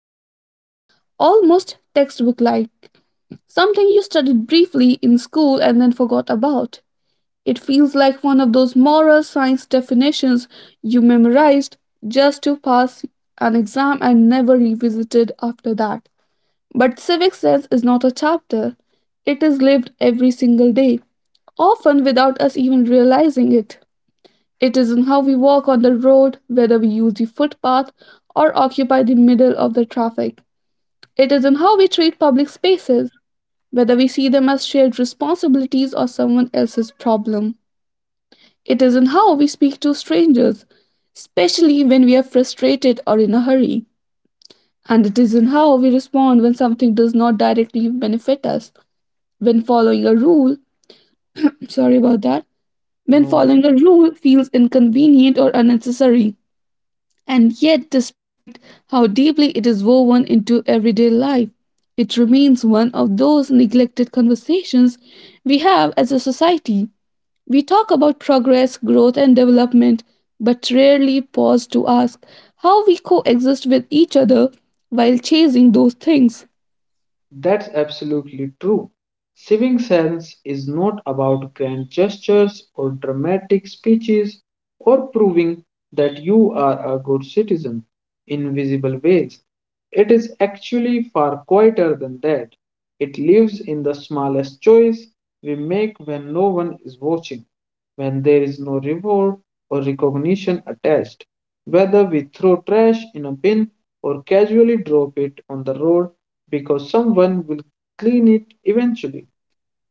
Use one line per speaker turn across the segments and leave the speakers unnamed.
abstract, almost textbook like, something you studied briefly in school and then forgot about. It feels like one of those moral science definitions you memorized just to pass an exam and never revisited after that. But civic sense is not a chapter, it is lived every single day, often without us even realizing it. It is in how we walk on the road, whether we use the footpath or occupy the middle of the traffic. It is in how we treat public spaces, whether we see them as shared responsibilities or someone else's problem. It is in how we speak to strangers, especially when we are frustrated or in a hurry. And it is in how we respond when something does not directly benefit us. When following a rule, sorry about that, when
Novel.
following a rule feels inconvenient or unnecessary. And yet, despite how deeply it is woven into everyday life, it remains one of those neglected conversations we have as a society. We talk about progress, growth, and development, but rarely pause to ask how we coexist with each other while chasing those things.
That's absolutely true. Civic sense is not about grand gestures or dramatic speeches or proving that you are a good citizen in visible ways. It is actually far quieter than that. It lives in the smallest choice we make when no one is watching, when there is no reward or recognition attached. Whether we throw trash in a bin or casually drop it on the road, because someone will clean it eventually.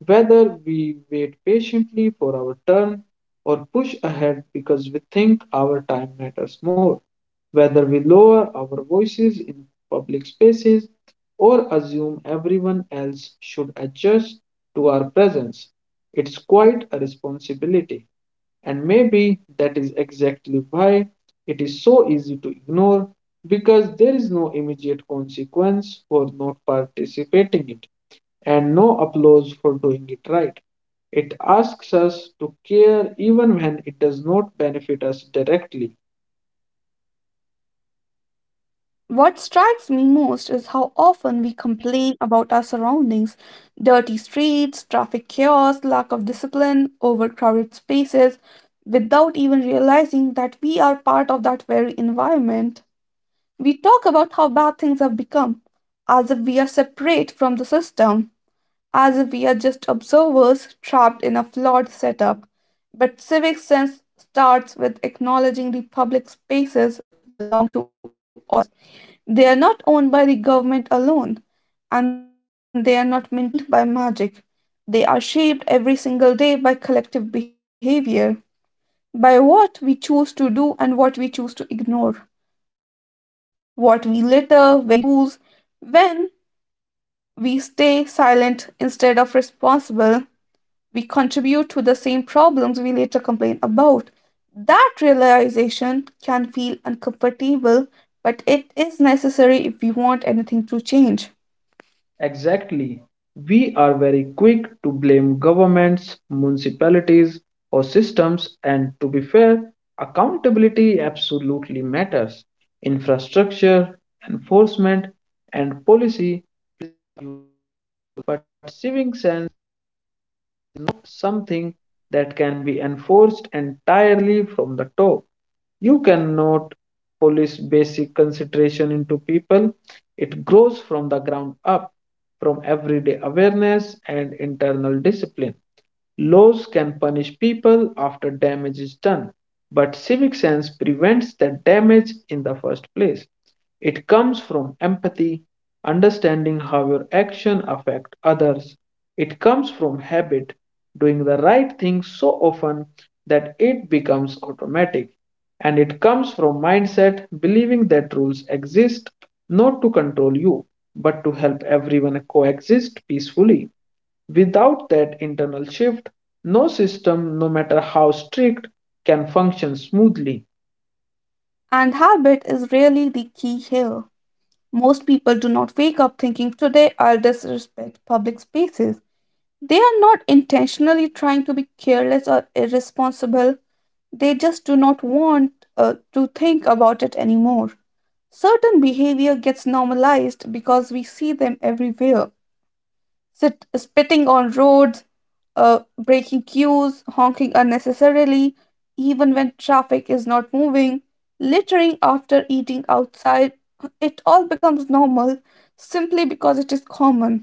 Whether we wait patiently for our turn or push ahead because we think our time matters more, whether we lower our voices in public spaces or assume everyone else should adjust to our presence, it's quite a responsibility. And maybe that is exactly why it is so easy to ignore because there is no immediate consequence for not participating in it and no applause for doing it right. It asks us to care even when it does not benefit us directly.
What strikes me most is how often we complain about our surroundings, dirty streets, traffic chaos, lack of discipline, overcrowded spaces, without even realizing that we are part of that very environment. We talk about how bad things have become, as if we are separate from the system, as if we are just observers trapped in a flawed setup. But civic sense starts with acknowledging the public spaces belong to all of us. They are not owned by the government alone, and they are not maintained by magic. They are shaped every single day by collective behavior, by what we choose to do and what we choose to ignore. What we litter, when we break rules, when we stay silent instead of responsible, we contribute to the same problems we later complain about. That realization can feel uncomfortable, but it is necessary if we want anything to change.
Exactly. We are very quick to blame governments, municipalities, or systems, and to be fair, accountability absolutely matters. Infrastructure, enforcement, and policy, but civic sense not something that can be enforced entirely from the top. You cannot police basic consideration into people. It grows from the ground up, from everyday awareness and internal discipline. Laws can punish people after damage is done, but civic sense prevents that damage in the first place. It comes from empathy, understanding how your actions affect others. It comes from habit, doing the right thing so often that it becomes automatic. And it comes from mindset, believing that rules exist not to control you, but to help everyone coexist peacefully. Without that internal shift, no system, no matter how strict, can function smoothly.
And habit is really the key here. Most people do not wake up thinking, "Today I'll disrespect public spaces." They are not intentionally trying to be careless or irresponsible. They just do not want to think about it anymore. Certain behavior gets normalized because we see them everywhere. Spitting on roads, breaking queues, honking unnecessarily, even when traffic is not moving, littering after eating outside. It all becomes normal simply because it is common.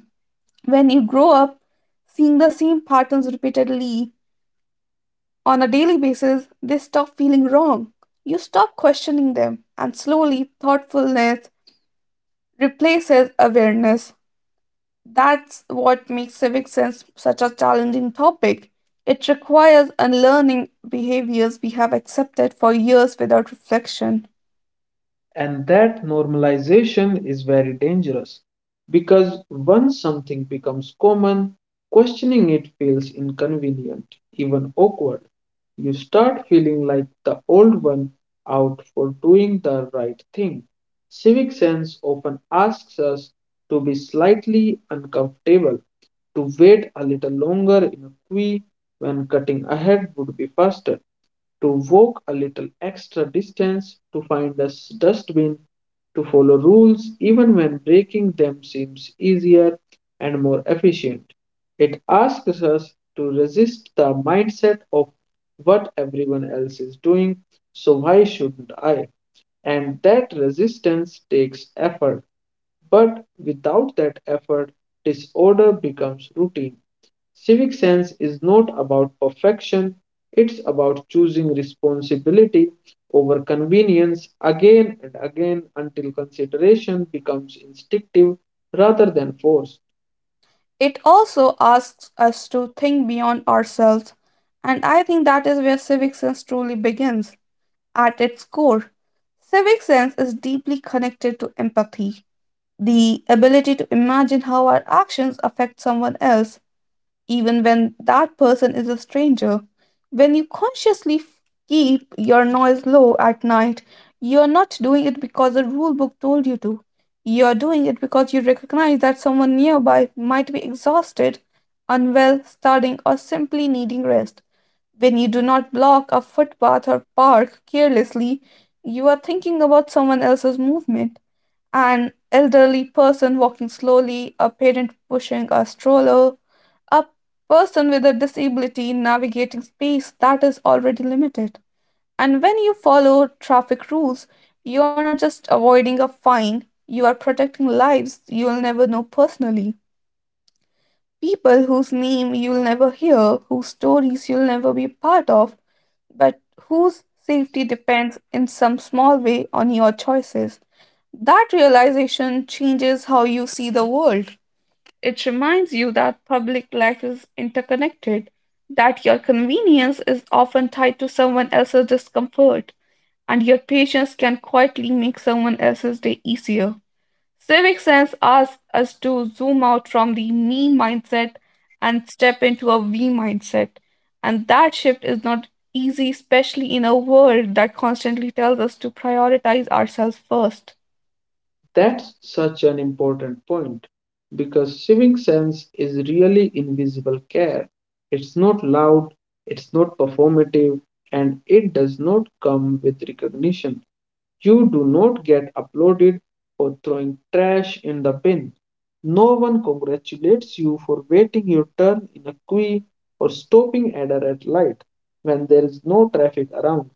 When you grow up, seeing the same patterns repeatedly on a daily basis, they stop feeling wrong. You stop questioning them, and slowly, thoughtfulness replaces awareness. That's what makes civic sense such a challenging topic. It requires unlearning behaviors we have accepted for years without reflection.
And that normalization is very dangerous because once something becomes common, questioning it feels inconvenient, even awkward. You start feeling like the old one out for doing the right thing. Civic sense often asks us to be slightly uncomfortable, to wait a little longer in a queue when cutting ahead would be faster to walk a little extra distance, to find a dustbin, to follow rules even when breaking them seems easier and more efficient. It asks us to resist the mindset of what everyone else is doing, so why shouldn't I? And that resistance takes effort but without that effort, disorder becomes routine. Civic sense is not about perfection, it's about choosing responsibility over convenience again and again until consideration becomes instinctive rather than forced.
It also asks us to think beyond ourselves, and I think that is where civic sense truly begins, at its core. Civic sense is deeply connected to empathy, the ability to imagine how our actions affect someone else, even when that person is a stranger. When you consciously keep your noise low at night, you're not doing it because the rule book told you to. You're doing it because you recognize that someone nearby might be exhausted, unwell, studying, or simply needing rest. When you do not block a footpath or park carelessly, you are thinking about someone else's movement, an elderly person walking slowly, a parent pushing a stroller, a person with a disability navigating space that is already limited. And when you follow traffic rules, you are not just avoiding a fine, you are protecting lives you'll never know personally. People whose name you'll never hear, whose stories you'll never be part of, but whose safety depends in some small way on your choices. That realization changes how you see the world. It reminds you that public life is interconnected, that your convenience is often tied to someone else's discomfort, and your patience can quietly make someone else's day easier. Civic sense asks us to zoom out from the me mindset and step into a we mindset. And that shift is not easy, especially in a world that constantly tells us to prioritize ourselves first.
That's such an important point because civic sense is really invisible care. It's not loud, it's not performative, and it does not come with recognition. You do not get applauded for throwing trash in the bin. No one congratulates you for waiting your turn in a queue or stopping at a red light when there is no traffic around.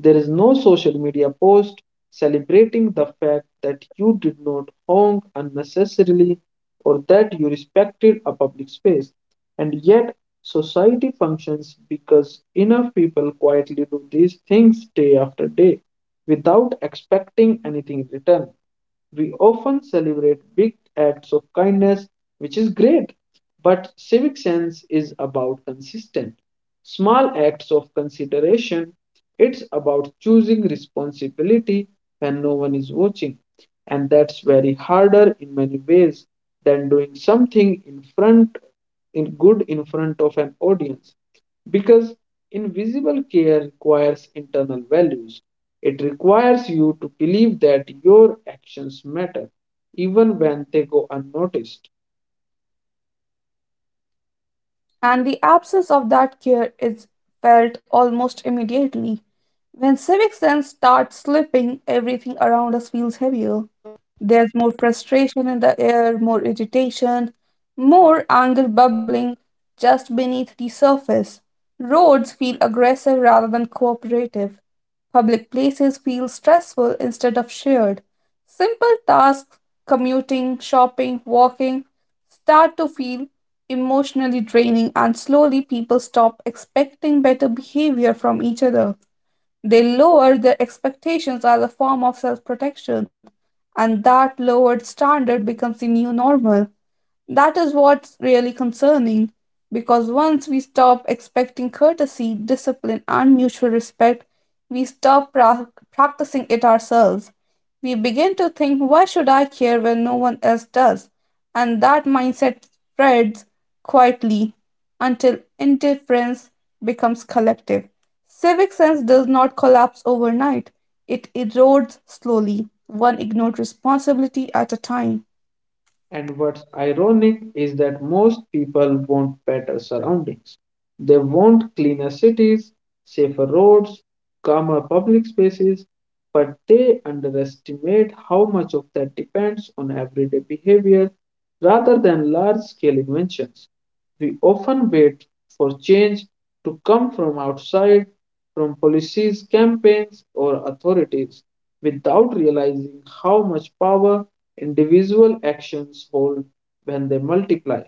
There is no social media post celebrating the fact that you did not honk unnecessarily or that you respected a public space. And yet, society functions because enough people quietly do these things day after day without expecting anything in return. We often celebrate big acts of kindness, which is great, but civic sense is about consistent, small acts of consideration. It's about choosing responsibility when no one is watching, and that's very harder in many ways than doing something in good in front of an audience because invisible care requires internal values it requires you to believe that your actions matter, even when they go unnoticed.
And the absence of that care is felt almost immediately. When civic sense starts slipping, everything around us feels heavier. There's more frustration in the air, more irritation, more anger bubbling just beneath the surface. Roads feel aggressive rather than cooperative. Public places feel stressful instead of shared. Simple tasks, commuting, shopping, walking, start to feel emotionally draining, and slowly people stop expecting better behavior from each other. They lower their expectations as a form of self protection, and that lowered standard becomes the new normal. That is what's really concerning because once we stop expecting courtesy, discipline, and mutual respect, we stop practicing it ourselves. We begin to think, why should I care when no one else does? And that mindset spreads quietly until indifference becomes collective. Civic sense does not collapse overnight, it erodes slowly, one ignored responsibility at a time.
And what's ironic is that most people want better surroundings. They want cleaner cities, safer roads, calmer public spaces, but they underestimate how much of that depends on everyday behavior rather than large scale inventions. We often wait for change to come from outside, from policies, campaigns, or authorities, without realizing how much power individual actions hold when they multiply.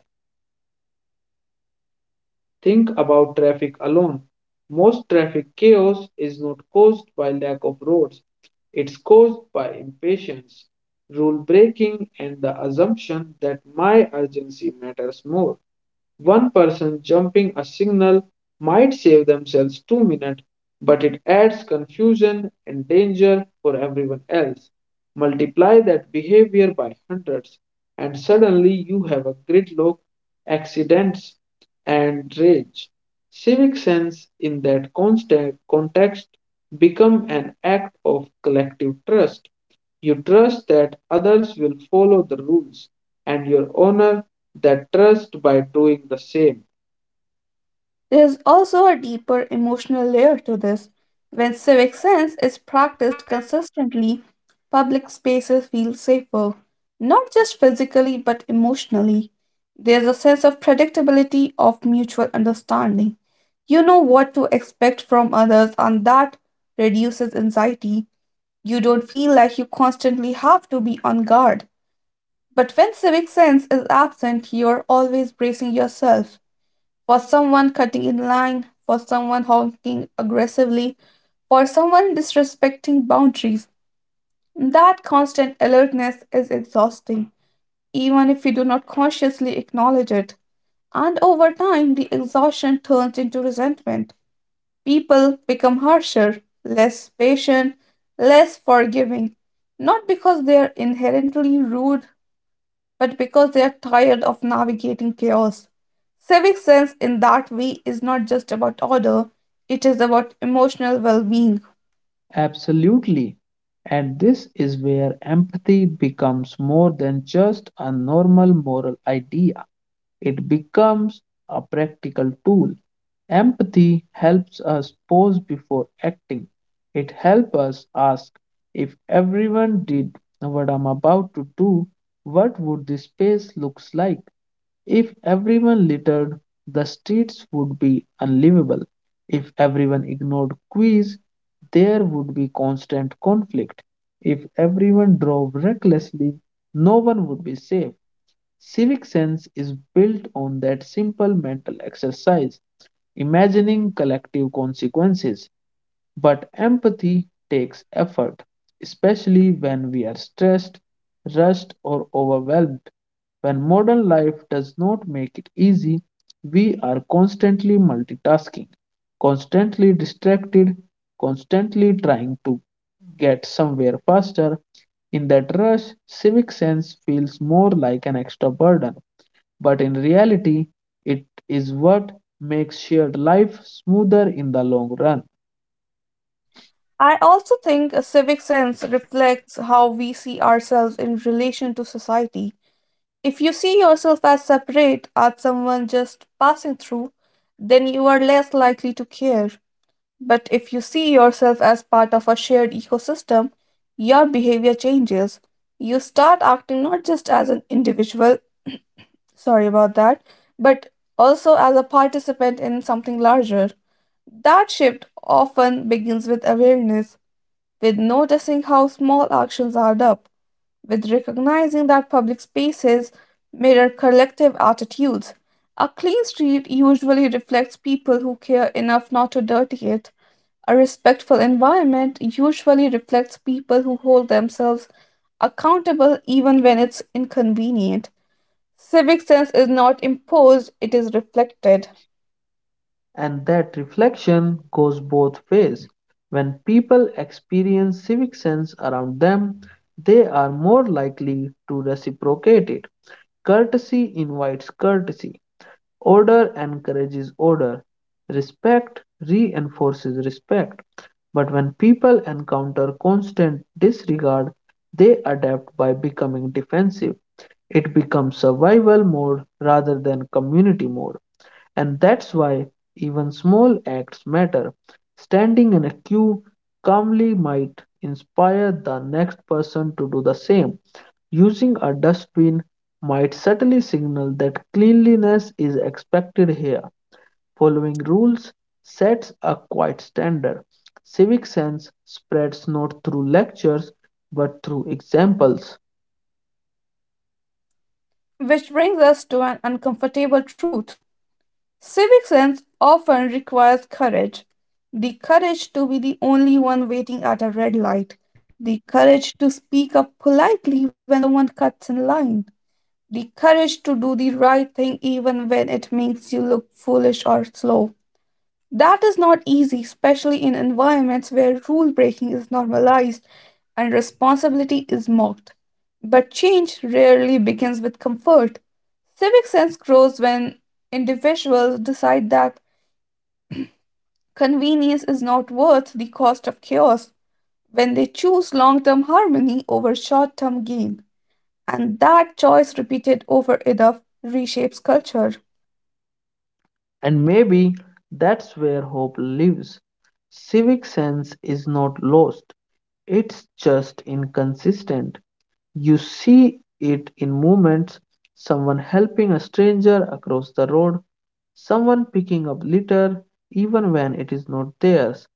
Think about traffic alone. Most traffic chaos is not caused by lack of roads, it's caused by impatience, rule breaking, and the assumption that my urgency matters more. One person jumping a signal might save themselves 2 minutes, but it adds confusion and danger for everyone else. Multiply that behavior by hundreds, and suddenly you have a gridlock, accidents, and rage. Civic sense in that constant context become an act of collective trust. You trust that others will follow the rules, and you honor that trust by doing the same.
There's also a deeper emotional layer to this. When civic sense is practiced consistently, public spaces feel safer, not just physically but emotionally. There's a sense of predictability, of mutual understanding. You know what to expect from others, and that reduces anxiety. You don't feel like you constantly have to be on guard. But when civic sense is absent, you're always bracing yourself for someone cutting in line, for someone honking aggressively, for someone disrespecting boundaries. That constant alertness is exhausting, even if you do not consciously acknowledge it. And over time, the exhaustion turns into resentment. People become harsher, less patient, less forgiving, not because they are inherently rude, but because they are tired of navigating chaos. Civic sense in that way is not just about order, it is about emotional well being.
Absolutely. And this is where empathy becomes more than just a normal moral idea. It becomes a practical tool. Empathy helps us pause before acting. It helps us ask if everyone did what I'm about to do, what would this space looks like? If everyone littered, the streets would be unlivable. If everyone ignored queues, there would be constant conflict. If everyone drove recklessly, no one would be safe. Civic sense is built on that simple mental exercise, imagining collective consequences. But empathy takes effort, especially when we are stressed, rushed, or overwhelmed. When modern life does not make it easy, we are constantly multitasking, constantly distracted, constantly trying to get somewhere faster. In that rush, civic sense feels more like an extra burden, but in reality, it is what makes shared life smoother in the long run.
I also think a civic sense reflects how we see ourselves in relation to society. If you see yourself as separate, as someone just passing through, then you are less likely to care. But if you see yourself as part of a shared ecosystem, your behavior changes. You start acting not just as an individual, Sorry about that. But also as a participant in something larger. That shift often begins with awareness, with noticing how small actions add up, with recognizing that public spaces mirror collective attitudes. A clean street usually reflects people who care enough not to dirty it. A respectful environment usually reflects people who hold themselves accountable even when it's inconvenient. Civic sense is not imposed, it is reflected.
And that reflection goes both ways. When people experience civic sense around them, they are more likely to reciprocate it. Courtesy invites courtesy, order encourages order, respect reinforces respect. But when people encounter constant disregard, they adapt by becoming defensive. It becomes survival mode rather than community mode. And that's why even small acts matter. Standing in a queue calmly might inspire the next person to do the same. Using a dustbin might subtly signal that cleanliness is expected here. Following rules sets a quiet standard. Civic sense spreads not through lectures but through examples.
Which brings us to an uncomfortable truth. Civic sense often requires courage. The courage to be the only one waiting at a red light. The courage to speak up politely when someone cuts in line. The courage to do the right thing even when it makes you look foolish or slow. That is not easy, especially in environments where rule breaking is normalized and responsibility is mocked. But change rarely begins with comfort. Civic sense grows when individuals decide that convenience is not worth the cost of chaos, when they choose long term harmony over short term gain. And that choice, repeated over enough, reshapes culture.
And maybe that's where hope lives. Civic sense is not lost, it's just inconsistent. You see it in moments someone helping a stranger across the road, someone picking up litter even when it is not theirs,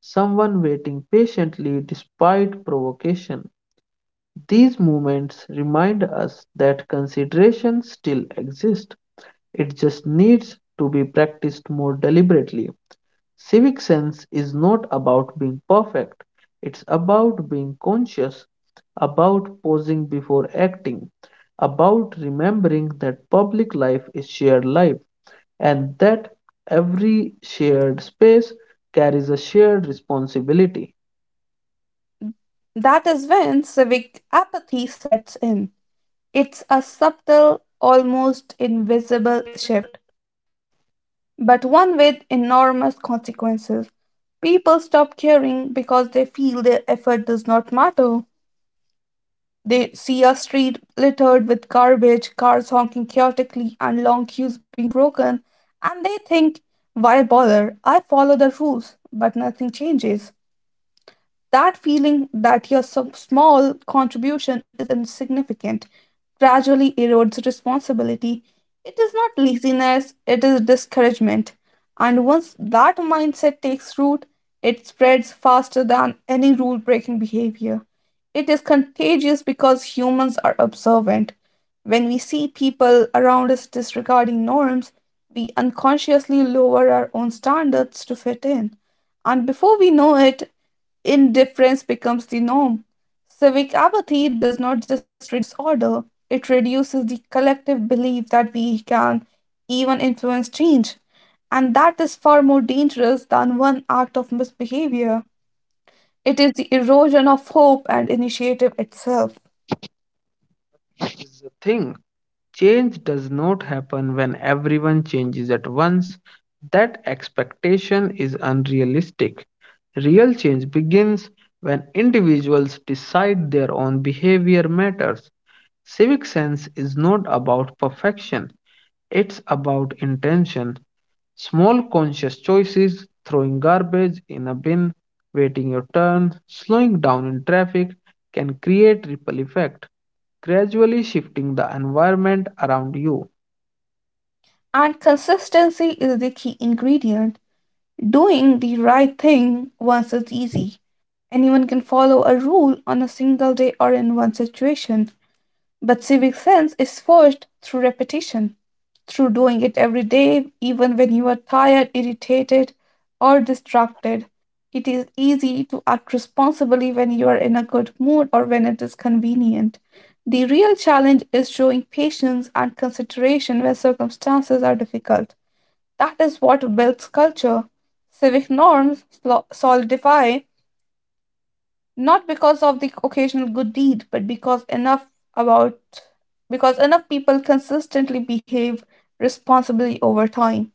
someone waiting patiently despite provocation. These moments remind us that consideration still exists. It just needs to be practiced more deliberately. Civic sense is not about being perfect, it's about being conscious, about pausing before acting, about remembering that public life is shared life and that every shared space carries a shared responsibility.
That is when civic apathy sets in. It's a subtle, almost invisible shift, but one with enormous consequences. People stop caring because they feel their effort does not matter. They see a street littered with garbage, cars honking chaotically, and long queues being broken, and they think, "Why bother? I follow the rules, but nothing changes." That feeling that your some small contribution is insignificant gradually erodes responsibility. It is not laziness, it is discouragement. And once that mindset takes root, it spreads faster than any rule breaking behavior. It is contagious because humans are observant. When we see people around us disregarding norms, we unconsciously lower our own standards to fit in. And before we know it, indifference becomes the norm. Civic apathy does not just reduce order, it reduces the collective belief that we can even influence change. And that is far more dangerous than one act of misbehavior. It is the erosion of hope and initiative itself.
Is the thing. Change does not happen when everyone changes at once. That expectation is unrealistic. Real change begins when individuals decide their own behavior matters. Civic sense is not about perfection, it's about intention. Small conscious choices, throwing garbage in a bin, waiting your turn, slowing down in traffic can create ripple effect, gradually shifting the environment around you.
And consistency is the key ingredient. Doing the right thing once is easy. Anyone can follow a rule on a single day or in one situation. But civic sense is forged through repetition, through doing it every day, even when you are tired, irritated, or distracted. It is easy to act responsibly when you are in a good mood or when it is convenient. The real challenge is showing patience and consideration when circumstances are difficult. That is what builds culture. Civic norms solidify not because of the occasional good deed, but about because enough people consistently behave responsibly over time.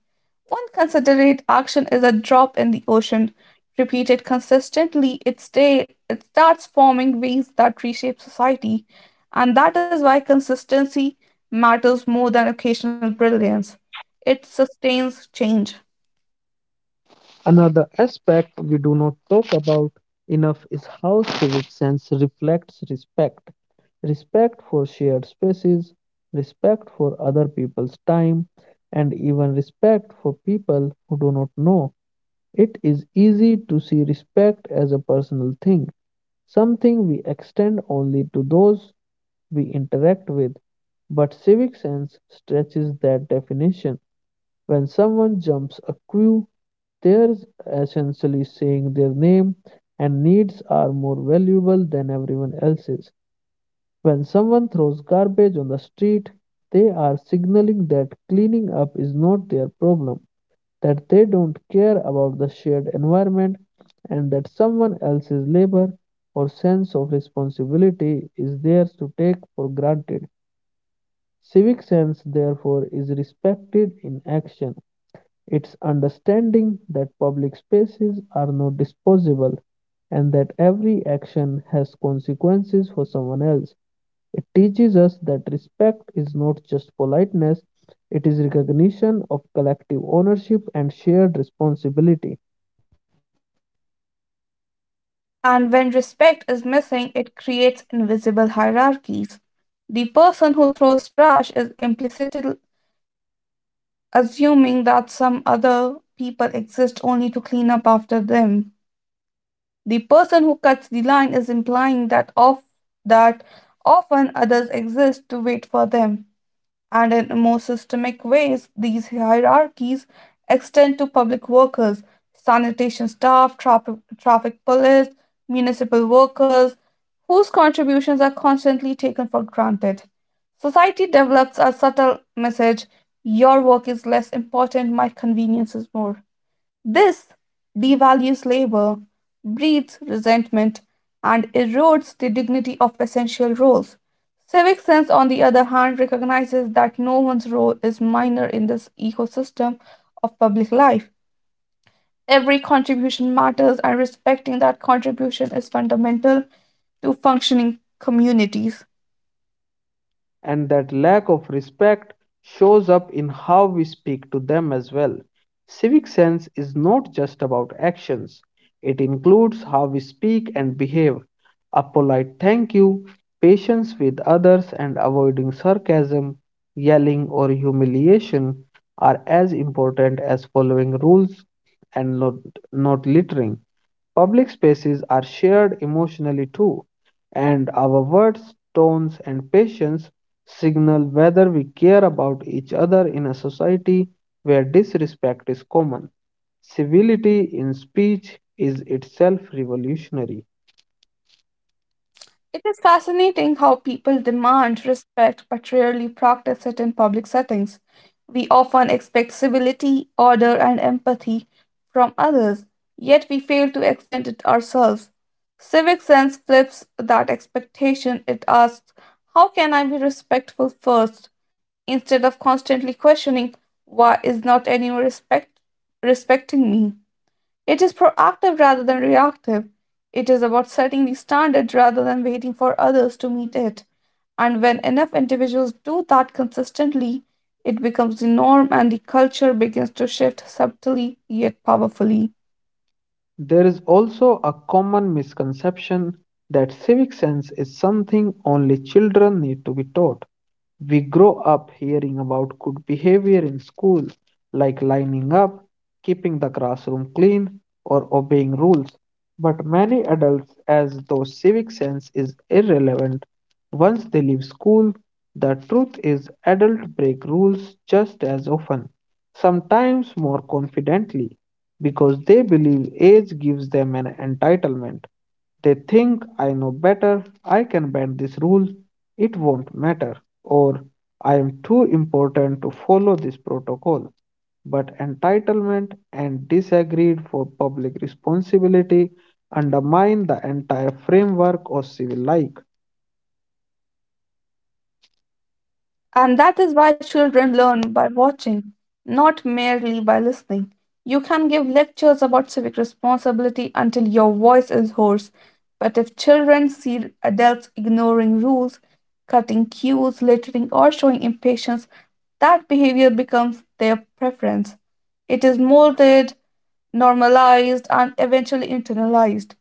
One considerate action is a drop in the ocean, repeated consistently, it starts forming waves that reshape society. And that is why consistency matters more than occasional brilliance. It sustains change.
Another aspect we do not talk about enough is how civic sense reflects respect. Respect for shared spaces, respect for other people's time, and even respect for people who do not know. It is easy to see respect as a personal thing, something we extend only to those we interact with. But civic sense stretches that definition. When someone jumps a queue, they're essentially saying their name and needs are more valuable than everyone else's. When someone throws garbage on the street, they are signaling that cleaning up is not their problem that they don't care about the shared environment and that someone else's labor or sense of responsibility is theirs to take for granted. Civic sense, therefore, is respected in action. It's understanding that public spaces are not disposable and that every action has consequences for someone else. It teaches us that respect is not just politeness, it is recognition of collective ownership and shared responsibility.
And when respect is missing, it creates invisible hierarchies. The person who throws trash is implicitly assuming that some other people exist only to clean up after them. The person who cuts the line is implying that often others exist to wait for them. And in more systemic ways, these hierarchies extend to public workers, sanitation staff, traffic police, municipal workers, whose contributions are constantly taken for granted. Society develops a subtle message: your work is less important, my convenience is more. This devalues labor, breeds resentment, and erodes the dignity of essential roles. Civic sense, on the other hand, recognizes that no one's role is minor in this ecosystem of public life. Every contribution matters, and respecting that contribution is fundamental to functioning communities.
And that lack of respect shows up in how we speak to them as well. Civic sense is not just about actions, it includes how we speak and behave. A polite thank you, patience with others, and avoiding sarcasm, yelling, or humiliation are as important as following rules and not littering. Public spaces are shared emotionally too, and our words, tones, and patience signal whether we care about each other in a society where disrespect is common. Civility in speech is itself revolutionary.
It is fascinating how people demand respect but rarely practice it in public settings. We often expect civility, order, and empathy from others, yet we fail to extend it ourselves. Civic sense flips that expectation. It asks, "How can I be respectful first?" instead of constantly questioning, "Why is not anyone respecting me?" It is proactive rather than reactive. It is about setting the standard rather than waiting for others to meet it. And when enough individuals do that consistently, it becomes the norm and the culture begins to shift subtly yet powerfully.
There is also a common misconception that civic sense is something only children need to be taught. We grow up hearing about good behavior in school, like lining up, keeping the classroom clean, or obeying rules. But many adults, as though civic sense is irrelevant once they leave school, the truth is adults break rules just as often, sometimes more confidently, because they believe age gives them an entitlement. They think I know better, I can bend this rule, it won't matter, or I am too important to follow this protocol. But entitlement and disagreed for public responsibility undermine the entire framework of civil life.
And that is why children learn by watching, not merely by listening. You can give lectures about civic responsibility until your voice is hoarse, but if children see adults ignoring rules, cutting cues, littering, or showing impatience, that behavior becomes their preference. It is molded, normalized, and eventually internalized.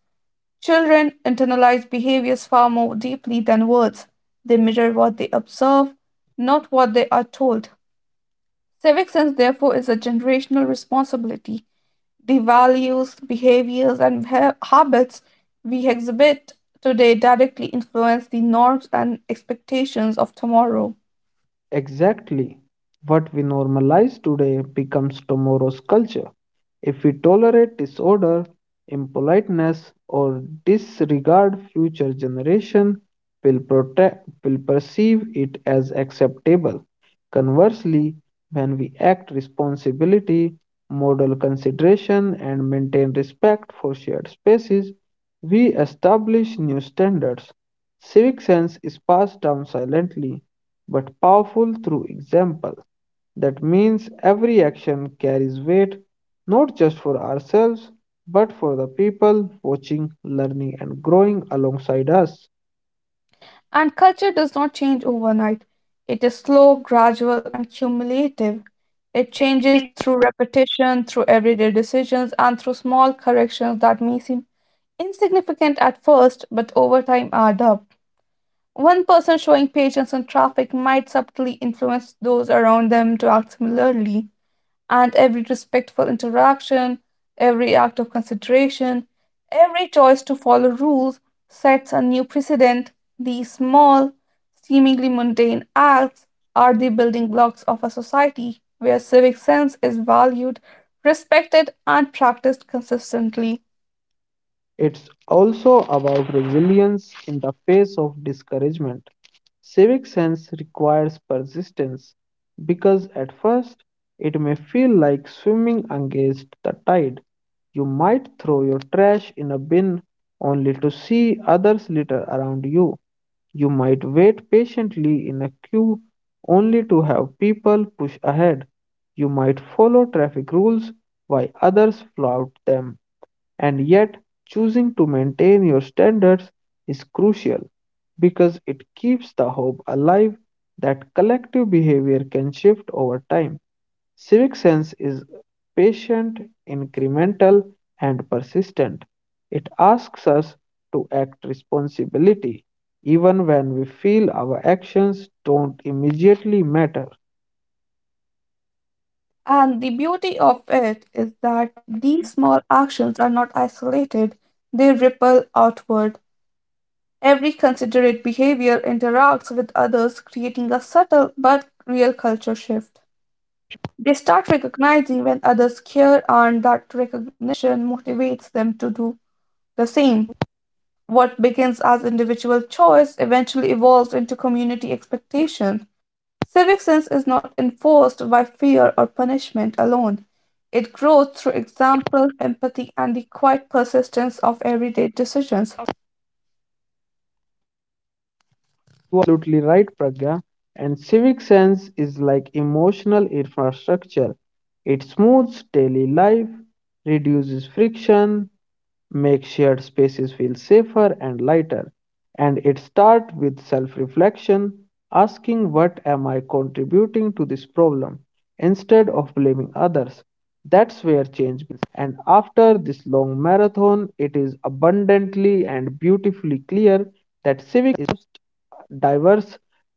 Children internalize behaviors far more deeply than words. They mirror what they observe, not what they are told. Civic sense, therefore, is a generational responsibility. The values, behaviors, and habits we exhibit today directly influence the norms and expectations of tomorrow.
Exactly. What we normalize today becomes tomorrow's culture. If we tolerate disorder, impoliteness, or disregard future generation, will perceive it as acceptable. Conversely, when we act responsibility, model consideration, and maintain respect for shared spaces, we establish new standards. Civic sense is passed down silently but powerful through example. That means every action carries weight, not just for ourselves, but for the people watching, learning, and growing alongside us.
And culture does not change overnight. It is slow, gradual, and cumulative. It changes through repetition, through everyday decisions, and through small corrections that may seem insignificant at first, but over time add up. One person showing patience in traffic might subtly influence those around them to act similarly, and every respectful interaction, every act of consideration, every choice to follow rules sets a new precedent. These small, seemingly mundane acts are the building blocks of a society where civic sense is valued, respected, and practiced consistently.
It's also about resilience in the face of discouragement. Civic sense requires persistence because at first it may feel like swimming against the tide. You might throw your trash in a bin only to see others litter around you. You might wait patiently in a queue only to have people push ahead. You might follow traffic rules while others flout them. And yet, choosing to maintain your standards is crucial because it keeps the hope alive that collective behavior can shift over time. Civic sense is patient, incremental, and persistent. It asks us to act responsibility even when we feel our actions don't immediately matter.
And the beauty of it is that these small actions are not isolated, they ripple outward. Every considerate behavior interacts with others, creating a subtle but real culture shift. They start recognizing when others care, and that recognition motivates them to do the same. What begins as individual choice eventually evolves into community expectation. Civic sense is not enforced by fear or punishment alone. It grows through example, empathy, and the quiet persistence of everyday decisions.
Absolutely right, Pragya. And civic sense is like emotional infrastructure. It smooths daily life, reduces friction, makes shared spaces feel safer and lighter. And it starts with self reflection, asking, what am I contributing to this problem? Instead of blaming others. That's where change. And after this long marathon, it is abundantly and beautifully clear that civic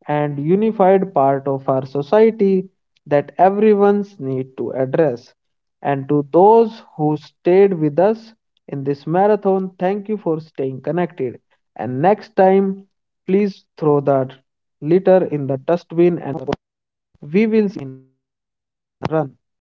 diverse, and unified part of our society that everyone's need to address. And to those who stayed with us in this marathon, thank you for staying connected. And next time, please throw that litter in the dustbin and we will see you run.